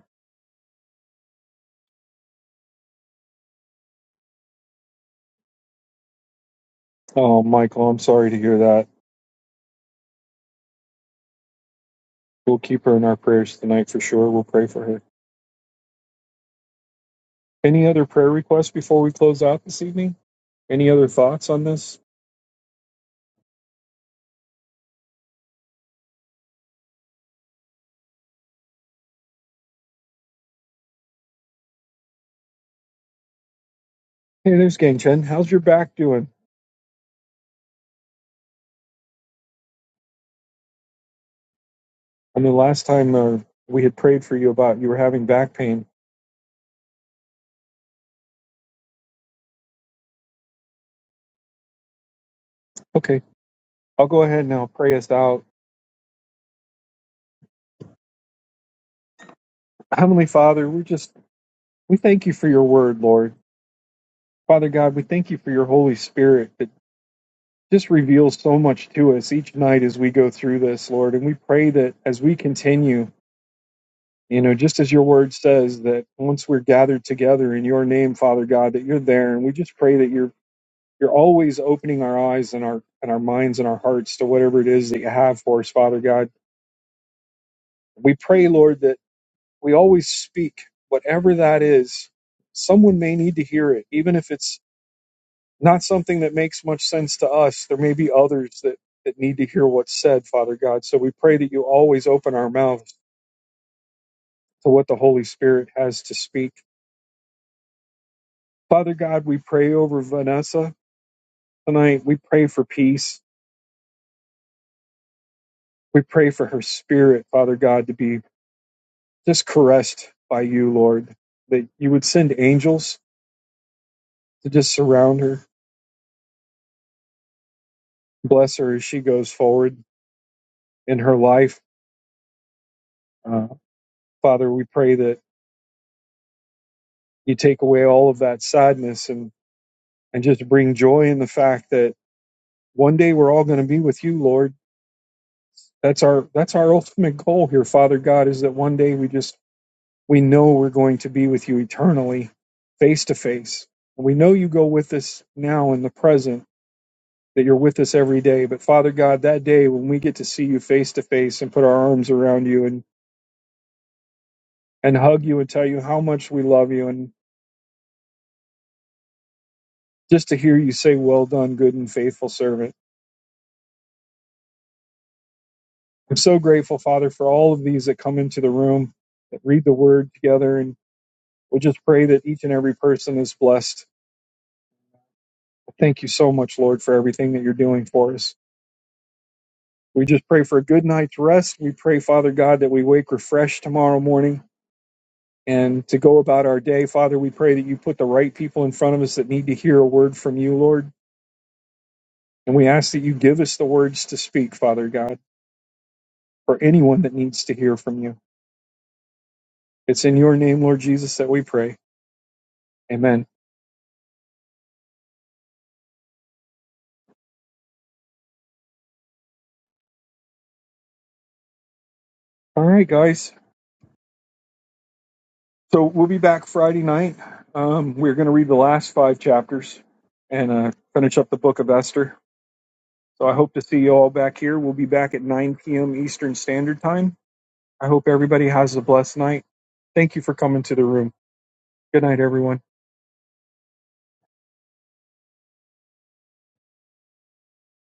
Speaker 1: Oh, Michael, I'm sorry to hear that. We'll keep her in our prayers tonight for sure. We'll pray for her. Any other prayer requests before we close out this evening? Any other thoughts on this? Hey, there's Gang Chen. How's your back doing? I mean, last time uh, we had prayed for you about you were having back pain. Okay, I'll go ahead and I'll pray us out. Heavenly Father, we just, we thank you for your word, Lord. Father God, we thank you for your Holy Spirit that just reveals so much to us each night as we go through this, Lord. And we pray that as we continue, you know, just as your word says, that once we're gathered together in your name, Father God, that you're there. And we just pray that you're you're always opening our eyes and our and our minds and our hearts to whatever it is that you have for us, Father God. We pray, Lord, that we always speak, whatever that is. Someone may need to hear it, even if it's not something that makes much sense to us. There may be others that, that need to hear what's said, Father God. So we pray that you always open our mouths to what the Holy Spirit has to speak. Father God, we pray over Vanessa tonight. We pray for peace. We pray for her spirit, Father God, to be just caressed by you, Lord, that you would send angels to just surround her, bless her as she goes forward in her life. Uh, Father, we pray that you take away all of that sadness and. and just bring joy in the fact that one day we're all going to be with you, Lord. That's our that's our ultimate goal here, Father God, is that one day we just we know we're going to be with you eternally, face to face. And we know you go with us now in the present, that you're with us every day. But Father God, that day when we get to see you face to face and put our arms around you and and hug you and tell you how much we love you and just to hear you say, Well done, good and faithful servant I'm so grateful, Father, for all of these that come into the room, that read the word together, and we'll just pray that each and every person is blessed. Thank you so much, Lord, for everything that you're doing for us. We just pray for a good night's rest. We pray, Father God, that we wake refreshed tomorrow morning and to go about our day. Father, we pray that you put the right people in front of us that need to hear a word from you, Lord. And we ask that you give us the words to speak, Father God, for anyone that needs to hear from you. It's in your name, Lord Jesus, that we pray. Amen. All right, guys. So we'll be back Friday night. Um, we're going to read the last five chapters and uh, finish up the book of Esther. So I hope to see you all back here. We'll be back at 9 p.m. Eastern Standard Time. I hope everybody has a blessed night. Thank you for coming to the room. Good night, everyone.